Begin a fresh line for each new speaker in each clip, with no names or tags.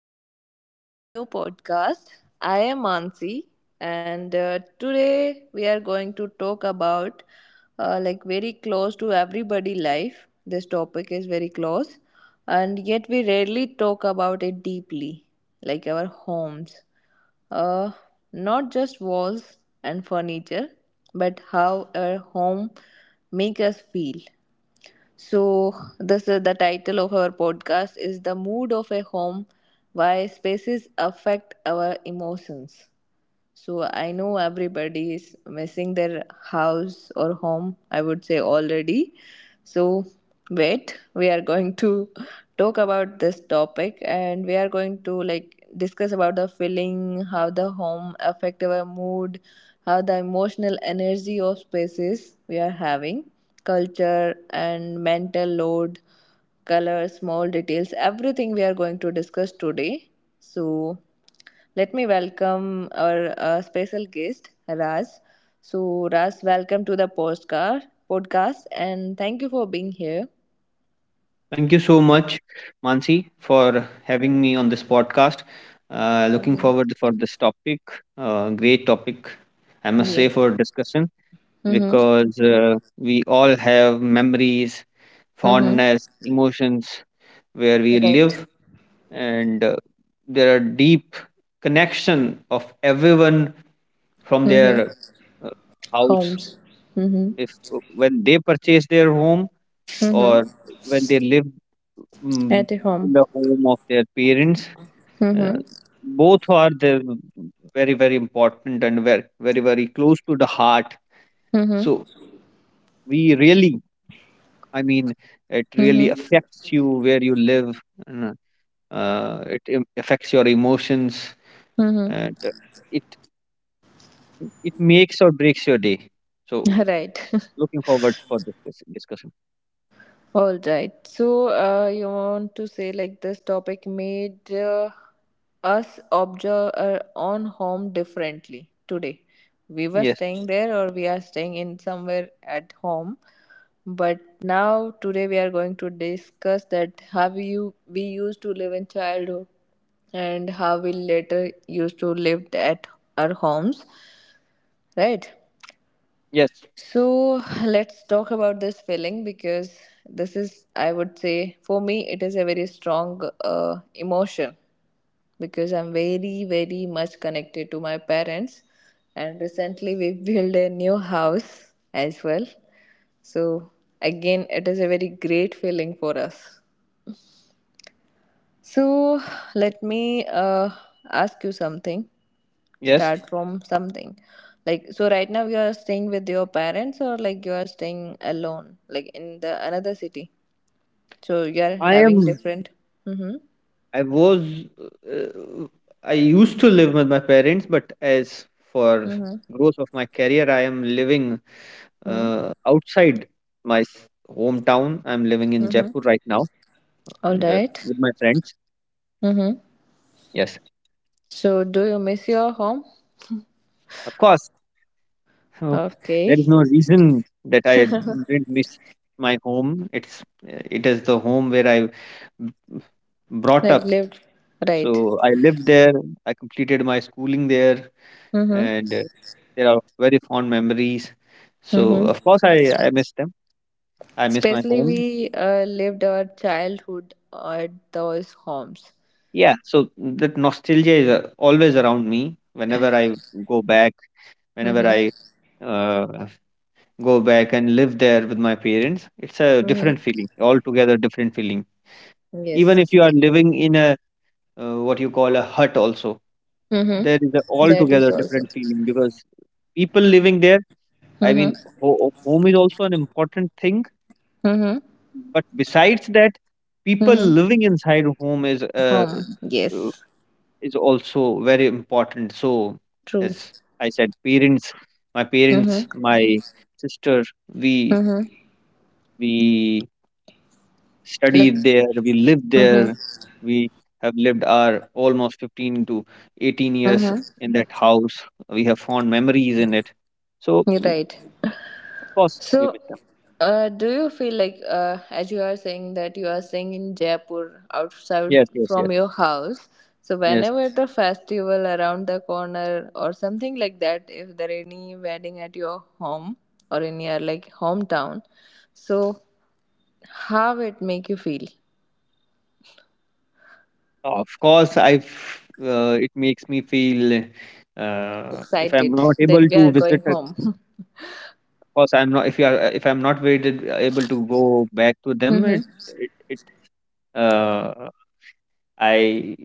welcome back to our new podcast. I am Ansi, and today we are going to talk about like very close to everybody life. This topic is very close, and yet we rarely talk about it deeply, like our homes. Uh, not just walls and furniture, but how our home make us feel. So, this is the title of our podcast is The Mood of a Home Why Spaces Affect Our Emotions. So I know everybody is missing their house or home, I would say already. So wait, we are going to talk about this topic and we are going to like discuss about the feeling, how the home affect our mood, how the emotional energy of spaces we are having, culture and mental load colors, small details, everything we are going to discuss today. So, let me welcome our special guest, Raj. So, Raj, welcome to the postcard podcast and thank you for being here.
Thank you so much, Mansi, for having me on this podcast. Looking
Mm-hmm.
forward for this topic. Great topic, I must say,
Yes.
for discussion
Mm-hmm.
because we all have memories,
Mm-hmm.
fondness, emotions where we
Right.
live, and there are deep connection of everyone from their
Mm-hmm.
uh, house.
Homes. Mm-hmm.
If when they purchase their home,
Mm-hmm.
or when they live mm,
At
in
home.
the home of their parents. Uh,
Mm-hmm.
both are the very important and very close to the heart.
Mm-hmm.
So we really, I mean, it really
Mm-hmm.
affects you where you live. And, it affects your emotions,
Mm-hmm.
and it it makes or breaks your day. So
Right.
looking forward for this discussion.
All right. So, you want to say like this topic made us observe our own home differently today. We were
Yes,
staying there, or we are staying in somewhere at home. But now, today, we are going to discuss that how you we used to live in childhood and how we later used to live at our homes, right?
yes,
So let's talk about this feeling because this is, I would say, for me, it is a very strong emotion because I'm very, very much connected to my parents. And recently, we built a new house as well. So, again, it is a very great feeling for us. So, let me ask you something.
yes.
Start from something like so right now you are staying with your parents or like you are staying alone like in the another city so you are
I
having
am
different. Mm-hmm,
I was uh, I used to live with my parents, but as for
mm-hmm,
growth of my career, I am living
mm-hmm,
outside my hometown. I'm living in
mm-hmm.
Jaipur right now,
All
and
right.
with my friends.
Mm-hmm.
Yes,
So do you miss your home?
of course. uh, There is
Okay.
no reason that I didn't miss my home. It is the home where I b- brought
Like
up.
lived. Right.
So I lived there. I completed my schooling there.
Mm-hmm,
And there are very fond memories. So
mm-hmm.
of course, I miss them. I miss my
Especially
home.
we lived our childhood at those homes.
Yeah. So that nostalgia is always around me. Whenever I go back, whenever
Mm-hmm,
I uh, go back and live there with my parents, it's a
mm-hmm.
different feeling, altogether different feeling. Even
Yes.
if you are living in a what you call a hut, also there is a
Mm-hmm. That is
altogether
also.
different feeling because people living there. I mean,
Mm-hmm.
home is also an important thing.
Mm-hmm.
But besides that, people
Mm-hmm.
living inside home
Home.
uh,
Yes.
is also very important. So,
True.
as I said, parents,
Mm-hmm.
my sister, we
Mm-hmm.
we
Like.
studied there, we lived
Mm-hmm.
there, we have lived our almost 15 to 18 years
Mm-hmm.
in that house. We have fond memories in it. So,
You're right.
of course, we
So,
miss them.
do you feel like, as you are saying that you are staying in Jaipur outside
Yes, yes,
from
yes,
your house? So,
yes.
whenever the festival around the corner or something like that, if there any wedding at your home or in your like hometown, so how it make you feel?
Of course, it makes me feel if I'm
Excited
not able
that we
to
are
visit,
going home.
of course, I'm not if you are if I'm not waited, able to go back to them. It it, it uh, I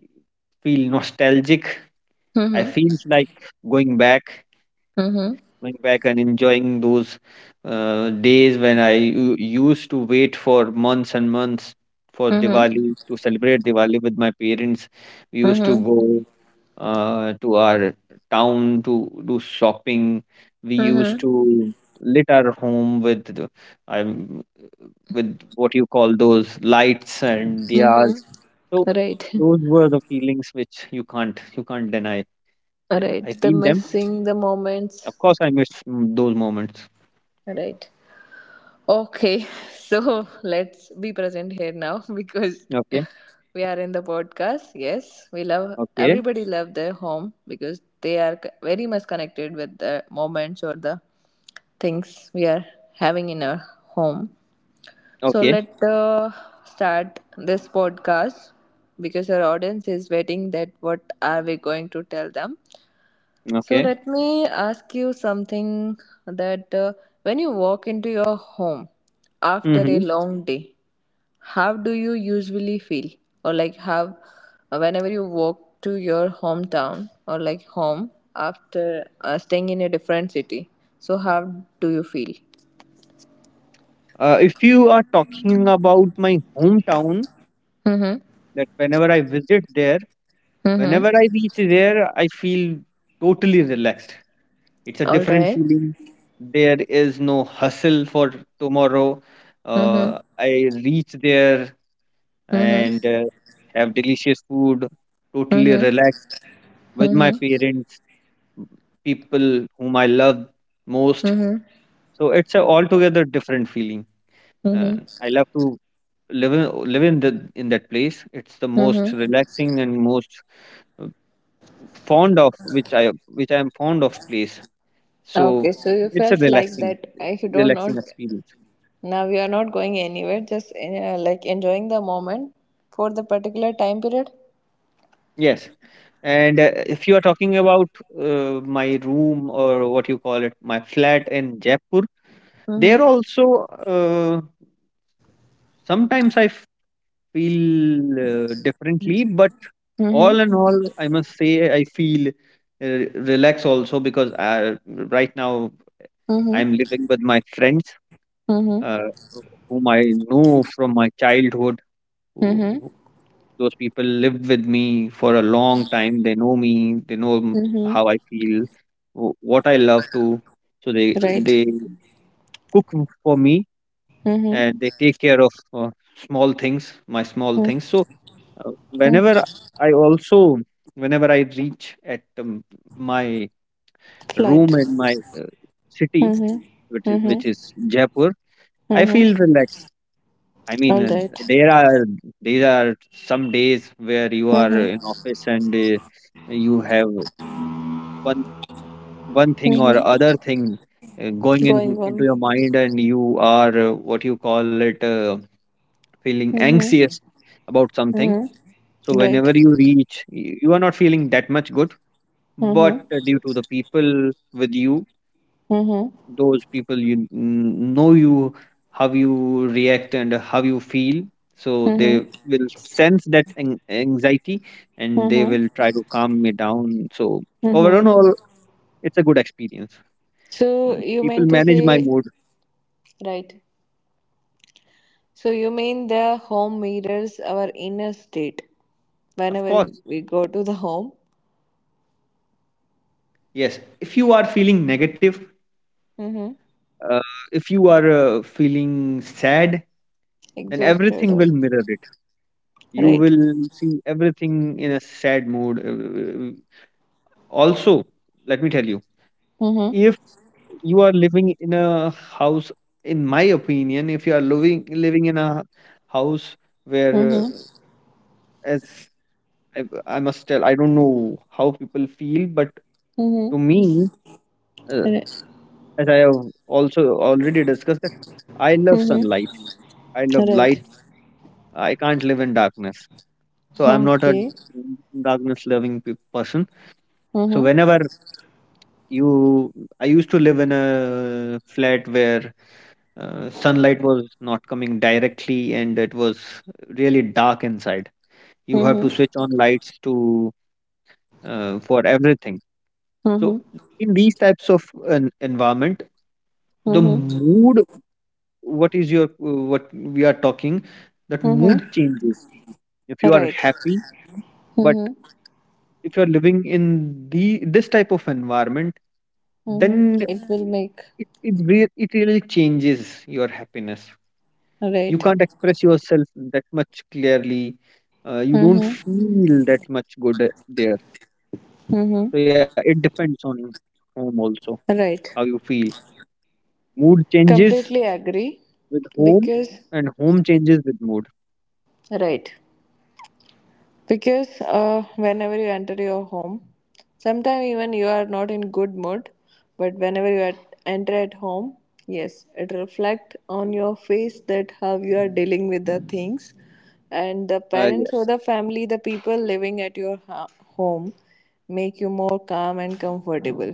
feel nostalgic. I
Mhm.
feels like going back,
Mhm.
going back and enjoying those days when I used to wait for months and months for
Mhm.
Diwali to celebrate Diwali with my parents. We used to
Mhm.
go to our town to do shopping. We used
Mhm.
to lit our home with um, with what you call those lights and diyas.
Mhm.
So
Right.
those were the feelings which you can't deny.
Right.
I
The
feel them.
missing the
Of
moments.
course, I miss those moments.
Right. Okay. So let's be present here now because
Okay,
we are in the podcast. Yes, we love
okay,
everybody love their home because they are c- very much connected with the moments or the things we are having in our home. So
okay,
let start this podcast because our audience is waiting that what are we going to tell them. So
okay.
let me ask you something that when you walk into your home after a
Mm-hmm.
long day, how do you usually feel? Or like how whenever you walk to your hometown or like home after staying in a different city. So how do you feel?
If you are talking about my hometown,
Mhm.
that whenever I visit there. Whenever
Mhm.
I reach there, I feel totally relaxed. It's a
All
different
right.
feeling. There is no hustle for tomorrow.
Mm-hmm.
I reach there
Mhm.
and have delicious food, totally
Mhm.
relaxed with my
Mhm.
parents, people whom I love most.
Mhm.
So it's a altogether different feeling.
Mhm.
I love to live in the in that place. It's the most
Mhm.
relaxing and most uh, fond of which I am fond of place. So
Okay, so you
it's a
felt like that if you don't know
relaxing experience.
now you are not going anywhere, just like enjoying the moment for the particular time period.
Yes, and if you are talking about my room or what you call it my flat in Jaipur, there
Mhm.
also uh, sometimes I feel differently, but
Mhm.
all in all I must say I feel relaxed also because right now
Mhm.
I'm living with my friends
Mhm.
uh, whom I know from my childhood, who
Mhm.
who those people live with me for a long time. They know me. They know
Mhm.
how I feel, what I love to. So they
Right.
they cook for me,
Mhm.
and they take care of small things, my small things. So
Mhm.
whenever I also whenever I reach at my room
Flat.
in my city,
Mhm.
which is
Mhm.
Jaipur, I
Mhm.
feel relaxed. I mean,
All right.
there are these are some days where you are
Mhm.
in office, and you have one one thing or
Mhm.
other thing going in
Going
into your
on.
mind, and you are what you call it feeling anxious
Mhm.
about something.
Mhm.
So
Right.
whenever you reach, you are not feeling that much good,
Mm-hmm.
but due to the people with you,
Mm-hmm.
those people you know you how you react and how you feel, so
Mm-hmm.
they will sense that anxiety, and
Mm-hmm.
they
Mm-hmm.
will try to calm me down. So
Mm-hmm.
overall it's a good experience.
So you
People
meant to
manage my
say
mood.
right. So you mean the home mirrors our inner state
Of
whenever
course,
we go to the home.
yes. If you are feeling negative,
Mm-hmm.
uh, if you are feeling sad, then
Exhausted
everything
or
will mirror it. You
right.
will see everything in a sad mood. Also, let me tell you,
Mm-hmm.
if you are living in a house, in my opinion, if you are living in a house where
Mm-hmm.
as I must tell, I don't know how people feel, but
Mm-hmm.
to me, uh,
Right.
as I have also already discussed that I love
Mm-hmm.
sunlight, I love light,
Right.
I can't live in darkness. So I'm not a
Okay.
darkness loving person. So
Mm-hmm.
whenever you I used to live in a flat where sunlight was not coming directly, and it was really dark inside. You have to
Mm-hmm.
switch on lights to for everything. So
Mm-hmm.
in these types of an environment, the
Mm-hmm.
mood, what is your what we are talking, that mood
Mm-hmm.
changes. If you are
Right.
happy,
Mm-hmm.
but if you are living in the this type of environment,
Mm-hmm.
then
It will make
it really changes your happiness. You
right.
can't express yourself that much clearly. You don't
Mm-hmm.
feel that much good there. So yeah, it
Mm-hmm.
depends on your home also how you feel.
Right.
Mood changes
Completely
with
agree.
home, and home
Because,
changes with mood.
right. Because whenever you enter your home, sometimes even you are not in good mood, but whenever you at, enter at home, yes, it reflect on your face that how you are dealing with the things, and the
Uh, yes,
parents or the family, the people living at your ha- home, make you more calm and comfortable.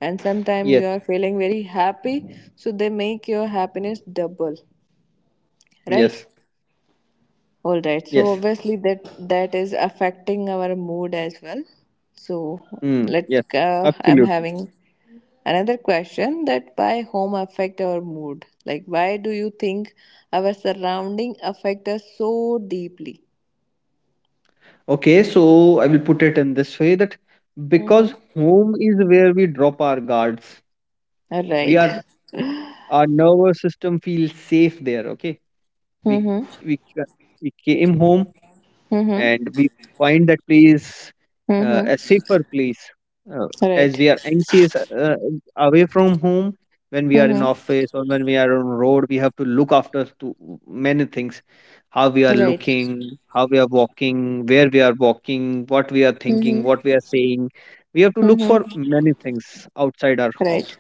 And
yes,
sometimes you are feeling very happy, so they make your happiness double,
yes,
right? All right. So
yes.
obviously that is affecting our mood as well. So
Yes,
let I'm
absolutely.
having another question that why home affect our mood? Like why do you think our surrounding affect us so deeply?
Okay, so I will put it in this way that
Mm-hmm.
because home is where we drop our guards,
All
we
right.
are our nervous system feels safe there. Okay, we
Mm-hmm.
we ca- we came home
Mm-hmm.
and we find that place a
Mm-hmm.
safer place uh, as
Right.
we are anxious away from home. When we are in
Mm-hmm.
office or when we are on road, we have to look after to many things: how we are
Right.
looking, how we are walking, where we are walking, what we are thinking,
Mm-hmm.
what we are saying. We have to look for
Mm-hmm.
many things outside our
Right.
house,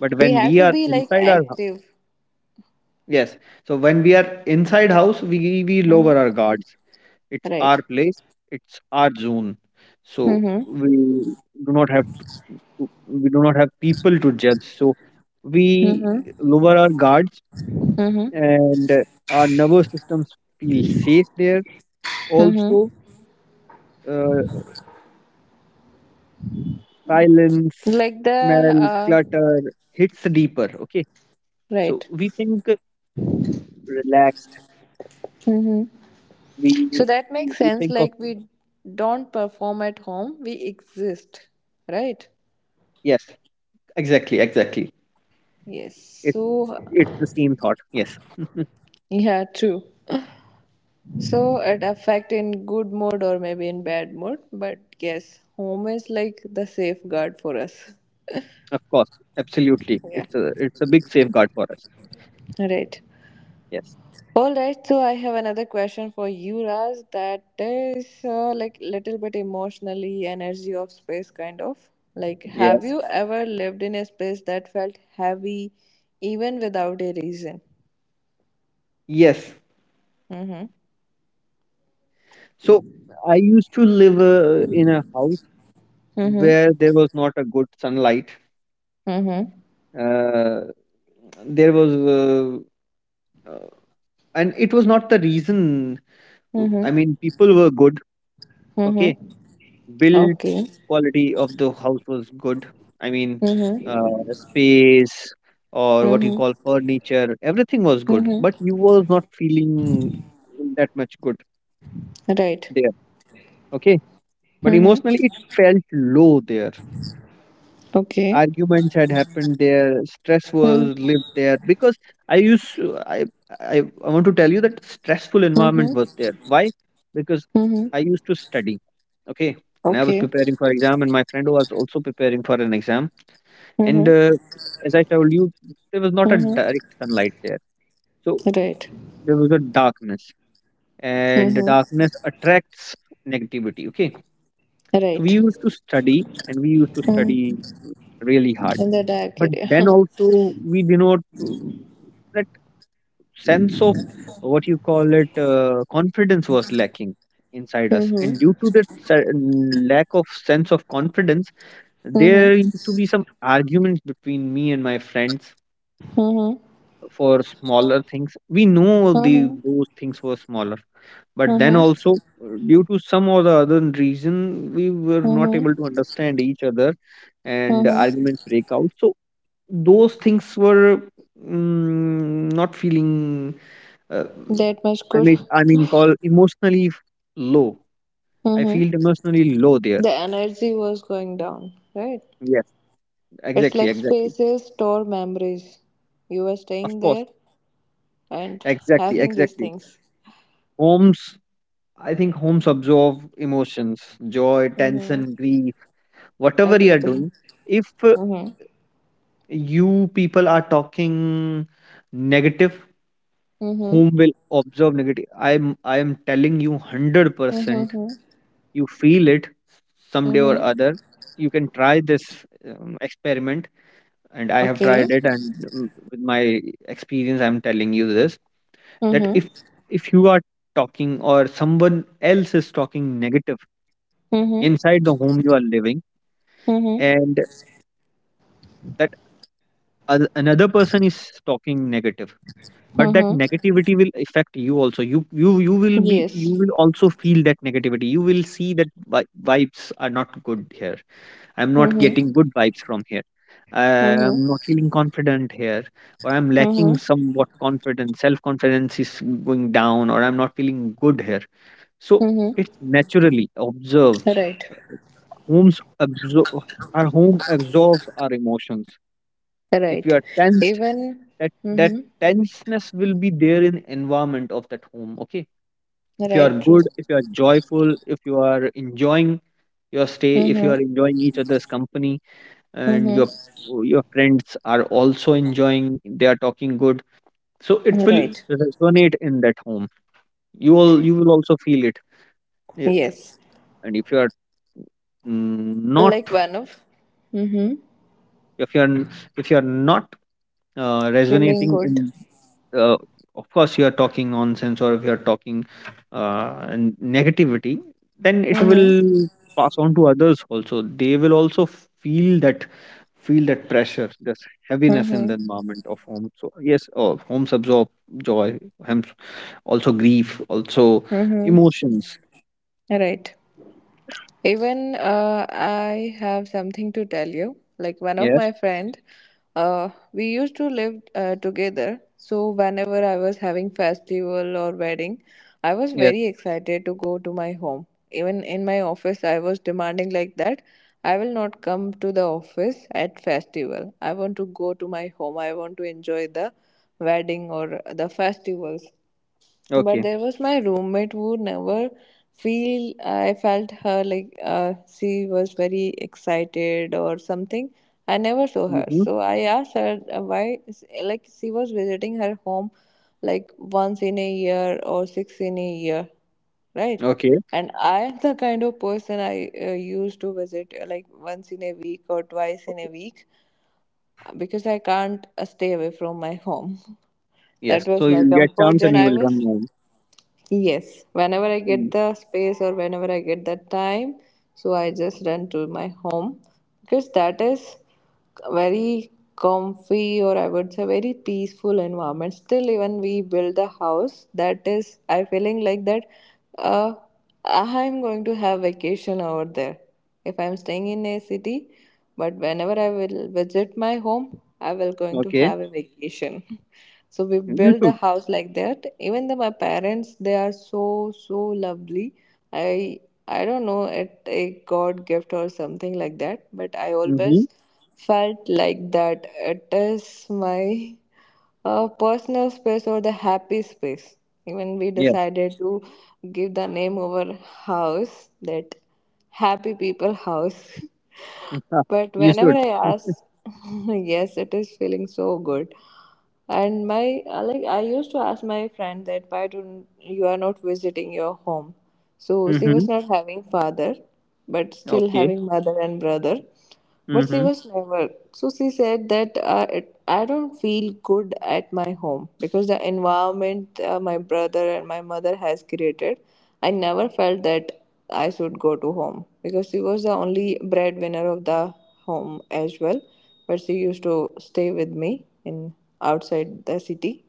but
We
when
have
we
to
are
be like
inside our house,
active.
yes. So when we are inside house, we lower
Mm-hmm.
our guards. It's our
Right.
place, it's our zone. So
Mm-hmm.
we do not have we do not have people to judge. So we
Mm-hmm.
lower our guards
Mm-hmm.
and our nervous systems feel safe there. Also, uh, silence,
Like the
smell, clutter hits deeper. Okay, so
right.
we think relaxed.
Hmm.
We
So that makes
we
sense
think of
like we don't perform at home we exist. Right.
Yes, exactly, exactly.
Yes.
It's
So
it's the same thought. Yes.
yeah, true. So it affect in good mood or maybe in bad mood but yes home is like the safeguard for us.
Of course, absolutely.
Yeah.
It's a big safeguard for us.
Right.
Yes.
All right, so I have another question for you, Raj. That is like little bit emotionally energy of space, kind of. Like, have
Yes,
you ever lived in a space that felt heavy, even without a reason?
yes.
Mhm.
So I used to live in a house
Mhm.
where there was not a good sunlight.
Mhm.
Uh, there was, uh, uh, and it was not the reason. I
Mhm.
mean, people were good. Okay,
Mhm.
build
Okay.
quality of the house was good. I mean, uh,
Mhm.
space or what you
Mhm.
call furniture, everything was good,
Mhm.
but you was not feeling that much good
Right.
there. Okay. But
Mhm.
emotionally, it felt low there.
Okay.
Arguments had happened there. Stress was
Mhm.
lived there because I used to- I, I want to tell you that stressful environment
Mhm.
was there. Why? Because
Mhm.
I used to study. Okay. And I was
Okay.
preparing for exam, and my friend was also preparing for an exam. And
Mhm.
as I told you, there was not a
Mhm.
direct sunlight there, so
Right.
there was a darkness, and the
Mhm.
darkness attracts negativity. Okay. So
Right.
we used to
Mm,
study really hard.
in the dark
But
area.
then also we did not that sense of what you call it confidence was lacking inside us, and due
Mm-hmm.
to that lack of sense of confidence,
Mm-hmm.
there used to be some arguments between me and my friends
Mm-hmm.
for smaller things. We know the
Mm-hmm.
those things were smaller, but then
Mm-hmm.
also due to some or the other reason we were not
Mm-hmm.
able to understand each other, and
Mm-hmm.
arguments break out. So those things were not feeling uh,
That much
I
good.
mean, call emotionally low. I feel
Mm-hmm.
emotionally low there.
The energy was going down, right?
Yes,
It's
exactly,
like
exactly.
spaces store memories. You were
Of
staying
course,
there and
exactly,
having these
exactly.
things.
homes I think homes absorb emotions, joy,
Mm-hmm.
tension, grief, whatever you are doing.
Everything.
If
Mm-hmm.
you people are talking negative,
Mm-hmm.
home will absorb negative. I am telling you 100%.
Mm-hmm.
You feel it someday or
Mm-hmm.
other. You can try this experiment, and I have
Okay.
tried it, and with my experience, I'm telling you this that
Mm-hmm.
if you are talking or someone else is talking negative
Mm-hmm.
inside the home you are living,
Mm-hmm.
and that another person is talking negative, but that
Mm-hmm.
negativity will affect you also. You will be, you
Yes.
will also feel that negativity. You will see that vibes are not good here. I'm not getting
Mm-hmm.
good vibes from here.
Mm-hmm.
I'm not feeling confident here, or I'm
Mm-hmm.
lacking somewhat confidence, self confidence is going down, or I'm not feeling good here. So
Mm-hmm.
it's naturally observe,
Right.
homes absorb, our home absorbs our emotions. If
Right.
you are tensed,
Even.
that
Mm-hmm.
tenseness will be there in environment of that home. Okay, if you
Right.
are
True.
good, if you are joyful, if you are enjoying your stay, if you are
Mm-hmm.
enjoying each other's company, and your
Mm-hmm.
your friends are also enjoying, they are talking good, so it will
Right.
resonate in that home. You will also feel it. Y-
Yes.
and if you are not,
Like one of. Mm-hmm.
if you are if you are not
Feeling
resonating
good.
in uh, of course, you are talking nonsense, or if you are talking negativity, then it
Mm-hmm.
will pass on to others also. They will also feel that, feel that pressure, this heaviness in
Mm-hmm.
the environment of home. So yes, oh, homes absorb joy, homes also grief also
Mm-hmm.
emotions.
Right. Even I have something to tell you. Like one of
Yes.
my friend, we used to live together. So whenever I was having festival or wedding, I was
Yes.
very excited to go to my home. Even in my office, I was demanding like that. I will not come to the office at festival. I want to go to my home. I want to enjoy the wedding or the festivals but
Okay.
there was my roommate who never feel I felt her like she was very excited or something. I never saw her
Mm-hmm.
so I asked her why. Like she was visiting her home like once in a year or six in a year, right?
Okay.
And I am the kind of person I used to visit like once in a week or twice in
Okay.
a week because I can't stay away from my home. That
Yes, so
was my
you get
comfort
chance and
and
you
I
will
was.
run home.
Yes, whenever I
Mm.
get the space or whenever I get the time, so I just run to my home because that is very comfy or I would say very peaceful environment. Still, even we build the house, that is, I feeling like that. Uh, I'm going to have vacation over there if I'm staying in a city, but whenever I will visit my home, I will going to
Okay.
have a vacation. So we
You
built the
should.
house like that. Even though my parents, they are so so lovely. I I don't know it a God gift or something like that, but I
Mm-hmm.
always felt like that it is my personal space or the happy space. Even we
Yes.
decided to give the name of our house that Happy People House. But
You
whenever
should.
I ask, yes, it is feeling so good. And my like I used to ask my friend that why don't you are not visiting your home? So she was
Mhm.
not having father, but still
Okay.
having mother and brother. But she
Mhm.
was never. So she said that I don't feel good at my home because the environment my brother and my mother has created, I never felt that I should go to home because she was the only breadwinner of the home as well. But she used to stay with me in outside the city.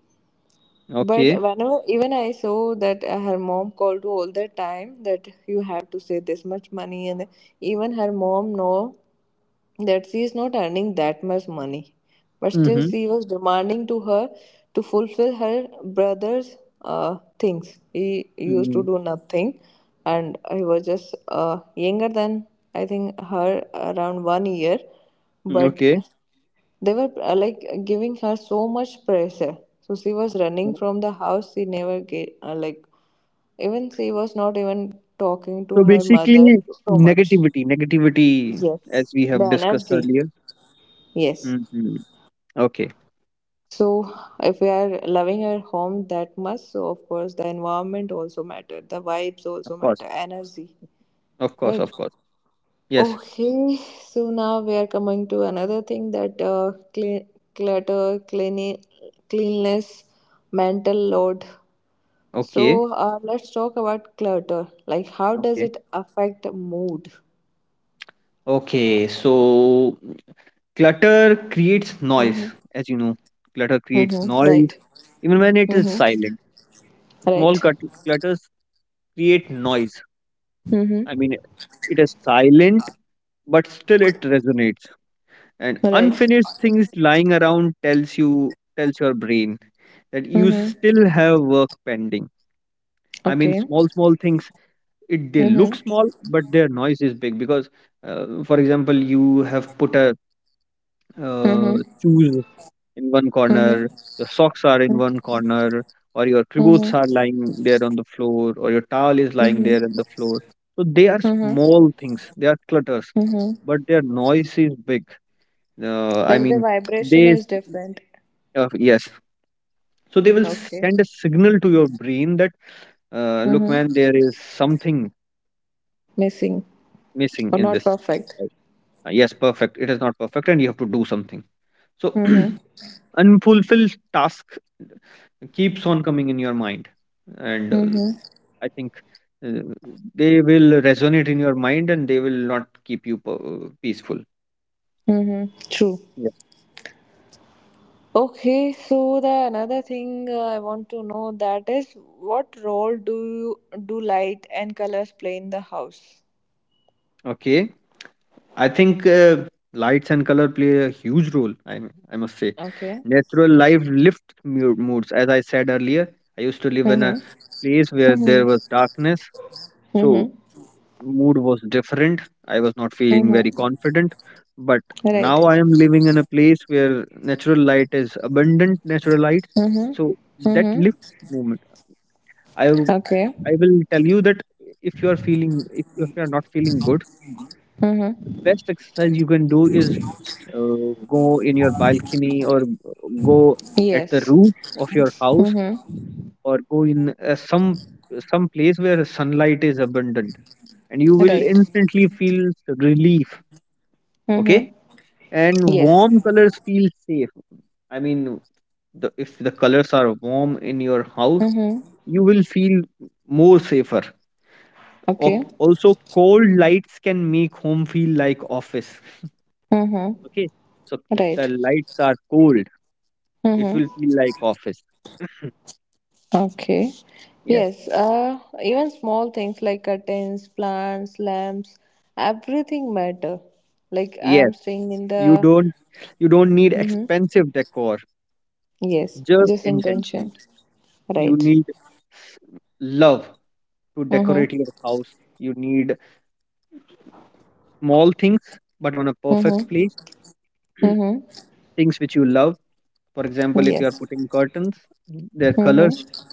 But
Okay.
whenever even I saw that her mom called all the time that you have to save this much money and even her mom know that she is not earning that much money. But still,
Mhm.
she was demanding to her to fulfill her brother's things. He used to
Mhm.
do nothing, and he was just younger than I think her around one year.
Mm,
But
okay.
they were like giving her so much pressure. So she was running from the house. She never get like even she was not even talking
So
to her
basically,
mother so much.
negativity, negativity, as
Yes,
we
the
have discussed
energy.
earlier.
Yes.
Mhm. Okay.
So, if we are loving our home that much, so of course the environment also matter, the vibes also
Of course.
matter, energy,
Of course.
right?
Of course. Yes.
Okay, so now we are coming to another thing that clutter, cleanliness, mental load.
Okay.
So, let's talk about clutter. Like, how does
Okay.
it affect mood?
Okay. So clutter creates noise,
Mm-hmm.
as you know. Clutter creates
Mm-hmm.
noise,
Right.
even when it is
Mm-hmm.
silent. Small
Right.
cut- Clutters create noise.
Mm-hmm.
I mean, it is silent, but still it resonates, and
Right.
unfinished things lying around tells your brain that you
Mm-hmm.
still have work pending. I mean
Okay.
small small things, it they look
Mm-hmm.
small, but their noise is big. Because for example, you have put a uh,
Mm-hmm.
shoes in one
Mm-hmm.
corner, your socks are in
Mm-hmm.
one corner, or your
Mm-hmm.
clothes are lying there on the floor, or your towel is lying there
Mm-hmm.
on the floor. So they are
Mm-hmm.
small things, they are clutters,
Mm-hmm.
but their noise is big. I
Like the
mean,
vibration
they...
is different.
Yes. So they will
Okay.
send a signal to your brain that, look, man,
Mm-hmm.
there is something
Missing or
missing in
not
this.
perfect.
Uh, Yes, perfect. It is not perfect, and you have to do something. So
Mm-hmm.
unfulfilled task keeps on coming in your mind, and
Mm-hmm.
I think uh, they will resonate in your mind, and they will not keep you peaceful.
Mm-hmm. True.
Yes.
Okay, so the another thing I want to know that is what role do you do light and colors play in the house?
Okay. I think lights and color play a huge role. I must say,
Okay.
natural life lifts moods. As I said earlier, I used to live in
Mm-hmm.
a place where
Mm-hmm.
there was darkness, so
Mm-hmm.
mood was different. I was not feeling very
Mm-hmm.
confident, but
Right.
now I am living in a place where natural light is abundant. Natural light,
Mm-hmm.
so that
Mm-hmm.
lifts moment. I w-
Okay.
I will tell you that if you are feeling if you are not feeling good, the
Mm-hmm.
best exercise you can do is go in your balcony, or go at the
Yes.
roof of your house,
Mm-hmm.
or go in some place where sunlight is abundant, and you will
Right.
instantly feel relief. Okay.
Mm-hmm.
And
Yes.
warm colors feel safe. I mean, the, if the colors are warm in your house,
Mm-hmm.
you will feel more safer.
Okay.
Also, cold lights can make home feel like office.
Mm-hmm.
Okay, so if the
Right.
lights are cold, it
Mm-hmm.
will feel like office.
Okay.
Yes.
Yes. Even small things like curtains, plants, lamps, everything matter. Like
Yes,
I'm staying in
you
the.
don't, you don't need
Mm-hmm.
expensive decor,
Yes.
just
Just
intentions.
intention.
You
Right.
need s- love to decorate your
Mm-hmm.
house. You need small things, but on a perfect
Mm-hmm.
place,
Mm-hmm.
things which you love. For example, if you are
Yes.
putting curtains, their colors,
Mm-hmm.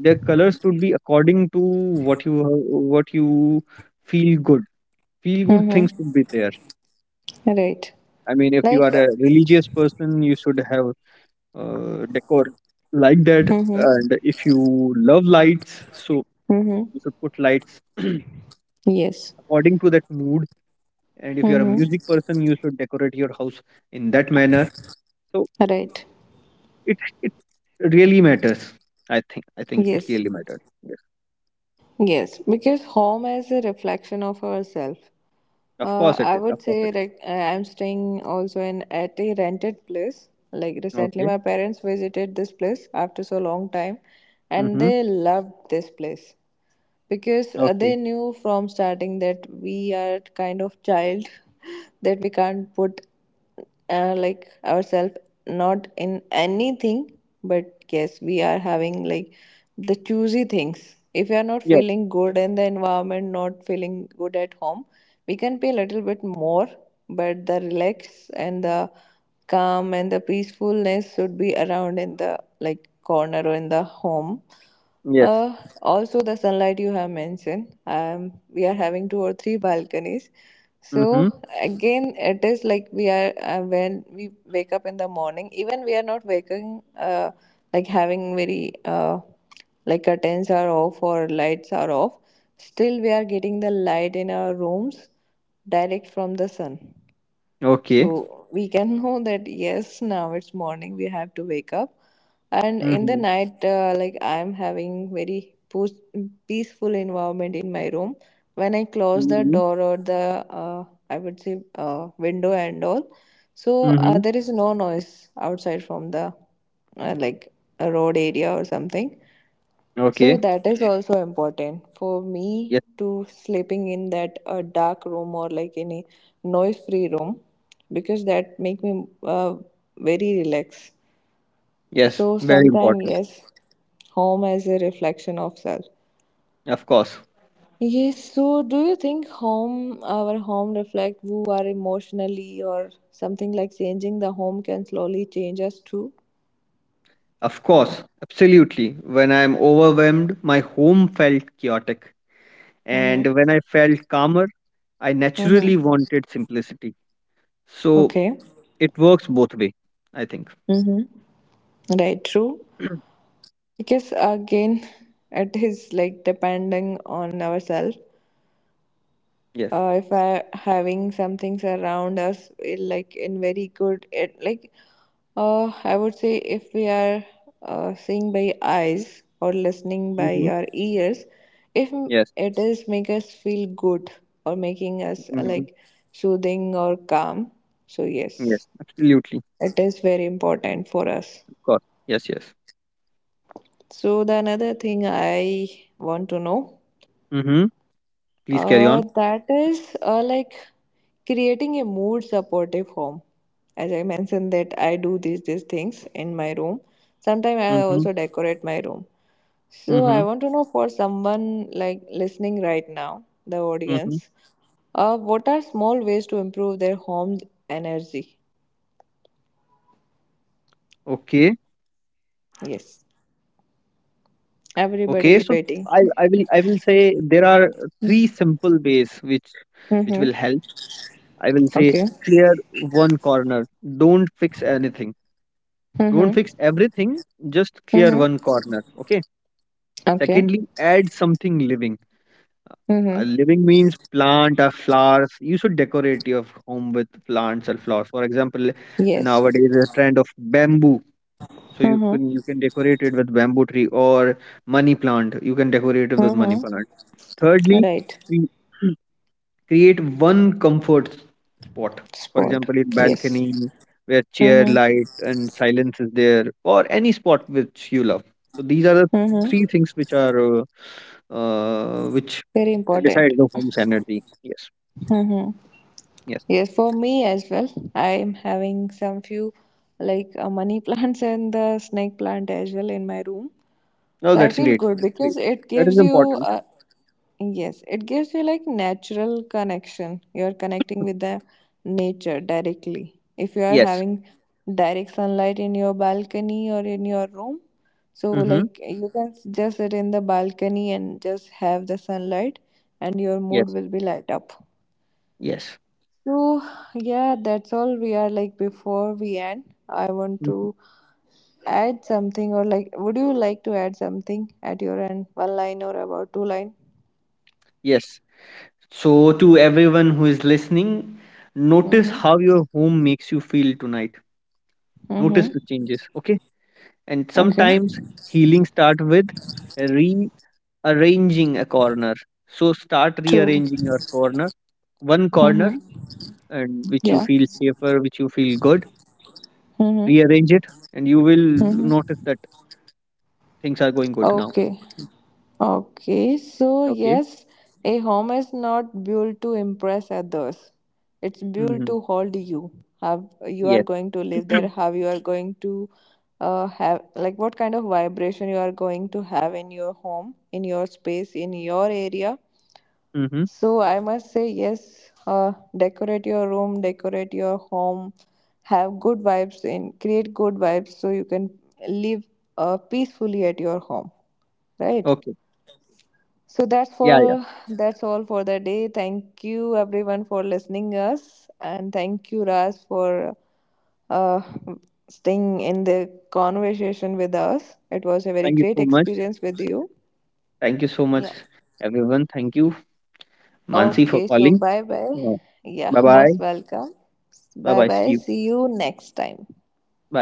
their colors should be according to what you, what you feel good. Feel good things should be
Mm-hmm.
there.
Right.
I mean, if you
Like.
are a religious person, you should have decor like that.
Mm-hmm.
And if you love lights, so
Mm-hmm.
you should put lights
Yes.
according to that mood. And if you're a
Mm-hmm.
music person, you should decorate your house in that manner. So mm,
Right.
it it really matters. I think it
Yes.
really matters. Yes,
Yes. Because home is a reflection of ourself.
of course it
I
is. Of
would
course it
say
is.
like I'm staying also in at a rented place. Like recently,
Okay.
my parents visited this place after so long time, and
Mm-hmm.
they loved this place because
Okay.
they knew from starting that we are kind of child that we can't put like ourselves not in anything, but yes, we are having like the choosy things. If we are not
Yes.
feeling good in the environment, not feeling good at home, we can pay a little bit more, but the relax and the calm and the peacefulness should be around in the like corner or in the home.
Yes.
uh, also, the sunlight you have mentioned, we are having two or three balconies.
Mm-hmm.
So again, it is like we are when we wake up in the morning. Even we are not waking, like having very like curtains are off or lights are off. Still, we are getting the light in our rooms direct from the sun.
Okay.
So we can know that yes, now it's morning, we have to wake up. And in the
Mm-hmm.
night, like I'm having very peaceful environment in my room. When I close the
Mm-hmm.
door or the, I would say, window and all, so
Mm-hmm.
there is no noise outside from the like a road area or something. So
Okay.
that is also important for me
Yes.
to sleeping in that a dark room or like any noise free room because that make me very relaxed.
Yes.
So
Very
sometimes
important.
yes, home as a reflection of self.
Of course.
Yes, so do you think home our home reflect who are emotionally or something like changing the home can slowly change us too?
Of course, absolutely. When I am overwhelmed, my home felt chaotic.
Mm-hmm.
And when I felt calmer, I
Mm-hmm.
naturally wanted simplicity. So
Okay.
it works both way, I think.
Mm-hmm. Right, true. Because again, it is like depending on ourselves.
Yes.
If I having some things around us eh, like in very good it like I would say if we are seeing by eyes or listening
Hmm.
by our ears, if
Yes.
m- it is make us feel good or making us
Hmm.
like soothing or calm, so
Yes.
yes,
Absolutely.
it is very important for us.
Of course. Yes. Yes.
So the another thing I want to know
Mm-hmm. Please carry on.
That is like creating a mood supportive home. As I mentioned that I do these things in my room. Sometimes I
Mm-hmm.
also decorate my room. So
Mm-hmm.
I want to know for someone like listening right now, the
Mm-hmm.
audience, what are small ways to improve their home's energy?
Okay.
Yes,
Okay. So
everybody is waiting.
I will say there are three simple ways which will
Mm-hmm.
help. I will say
Okay.
clear one corner. Don't fix anything. Don't
Mm-hmm.
fix everything. Just clear
Mm-hmm.
one corner. Okay.
Okay.
Secondly, add something living. A
Mm-hmm.
living means plant or flowers. You should decorate your home with plants or flowers. For example,
Yes.
nowadays a trend of bamboo. So
Mm-hmm.
you can decorate it with bamboo tree or money plant. You can decorate it with money
Mm-hmm.
plant. Thirdly,
Right.
we- create one comfort spot, for
Sport.
example in
Yes.
balcony, where chair,
Mm-hmm.
light and silence is there, or any spot which you love. So these are the three
Mm-hmm.
things which are which
Very
decide
important.
the home's energy. Yes.
Mm-hmm.
Yes.
Yes, for me as well. I am having some few like money plants and the snake plant as well in my room.
No,
So I
that's
feel
great,
good
that's
because
great.
it
That is
gives you
important.
a, yes, it gives you like natural connection. You're connecting with the nature directly. If you are
Yes.
having direct sunlight in your balcony or in your room, so
Mm-hmm.
like you can just sit in the balcony and just have the sunlight, and your mood
Yes.
will be light up.
Yes.
So yeah, that's all we are like before we end. I want
Mhm.
to add something or like would you like to add something at your end one line or about two line.
Yes. So to everyone who is listening, notice
Mm-hmm.
how your home makes you feel tonight. Notice
Mm-hmm.
the changes. Okay. And
Okay.
sometimes healing start with rearranging a corner. So start
True.
rearranging your corner, one corner,
Mm-hmm.
and which you
Yeah.
feel safer, which you feel good.
Mm-hmm.
Rearrange it, and you will notice
Mm-hmm.
that things are going good now.
Okay.
Mm.
Okay, so
Okay.
yes, a home is not built to impress others, it's built
Mm-hmm.
to hold you. How you are
Yes.
going to live there, how you are going to have like what kind of vibration you are going to have in your home, in your space, in your area.
Mm-hmm.
So I must say yes. Decorate your room, decorate your home, have good vibes in, create good vibes so you can live peacefully at your home, right?
Okay.
So that's
Yeah. Yeah.
for that's all for the day. Thank you everyone for listening us, and thank you Raj for uh, staying in the conversation with us. It was a very
Thank you
great
so much.
experience with you.
Thank you so much,
Yeah.
everyone. Thank you, Mansi, for
Okay, so
calling.
bye bye. Yeah,
Bye bye.
most welcome.
Bye
Bye
bye. See
bye.
you.
See you next time.
Bye.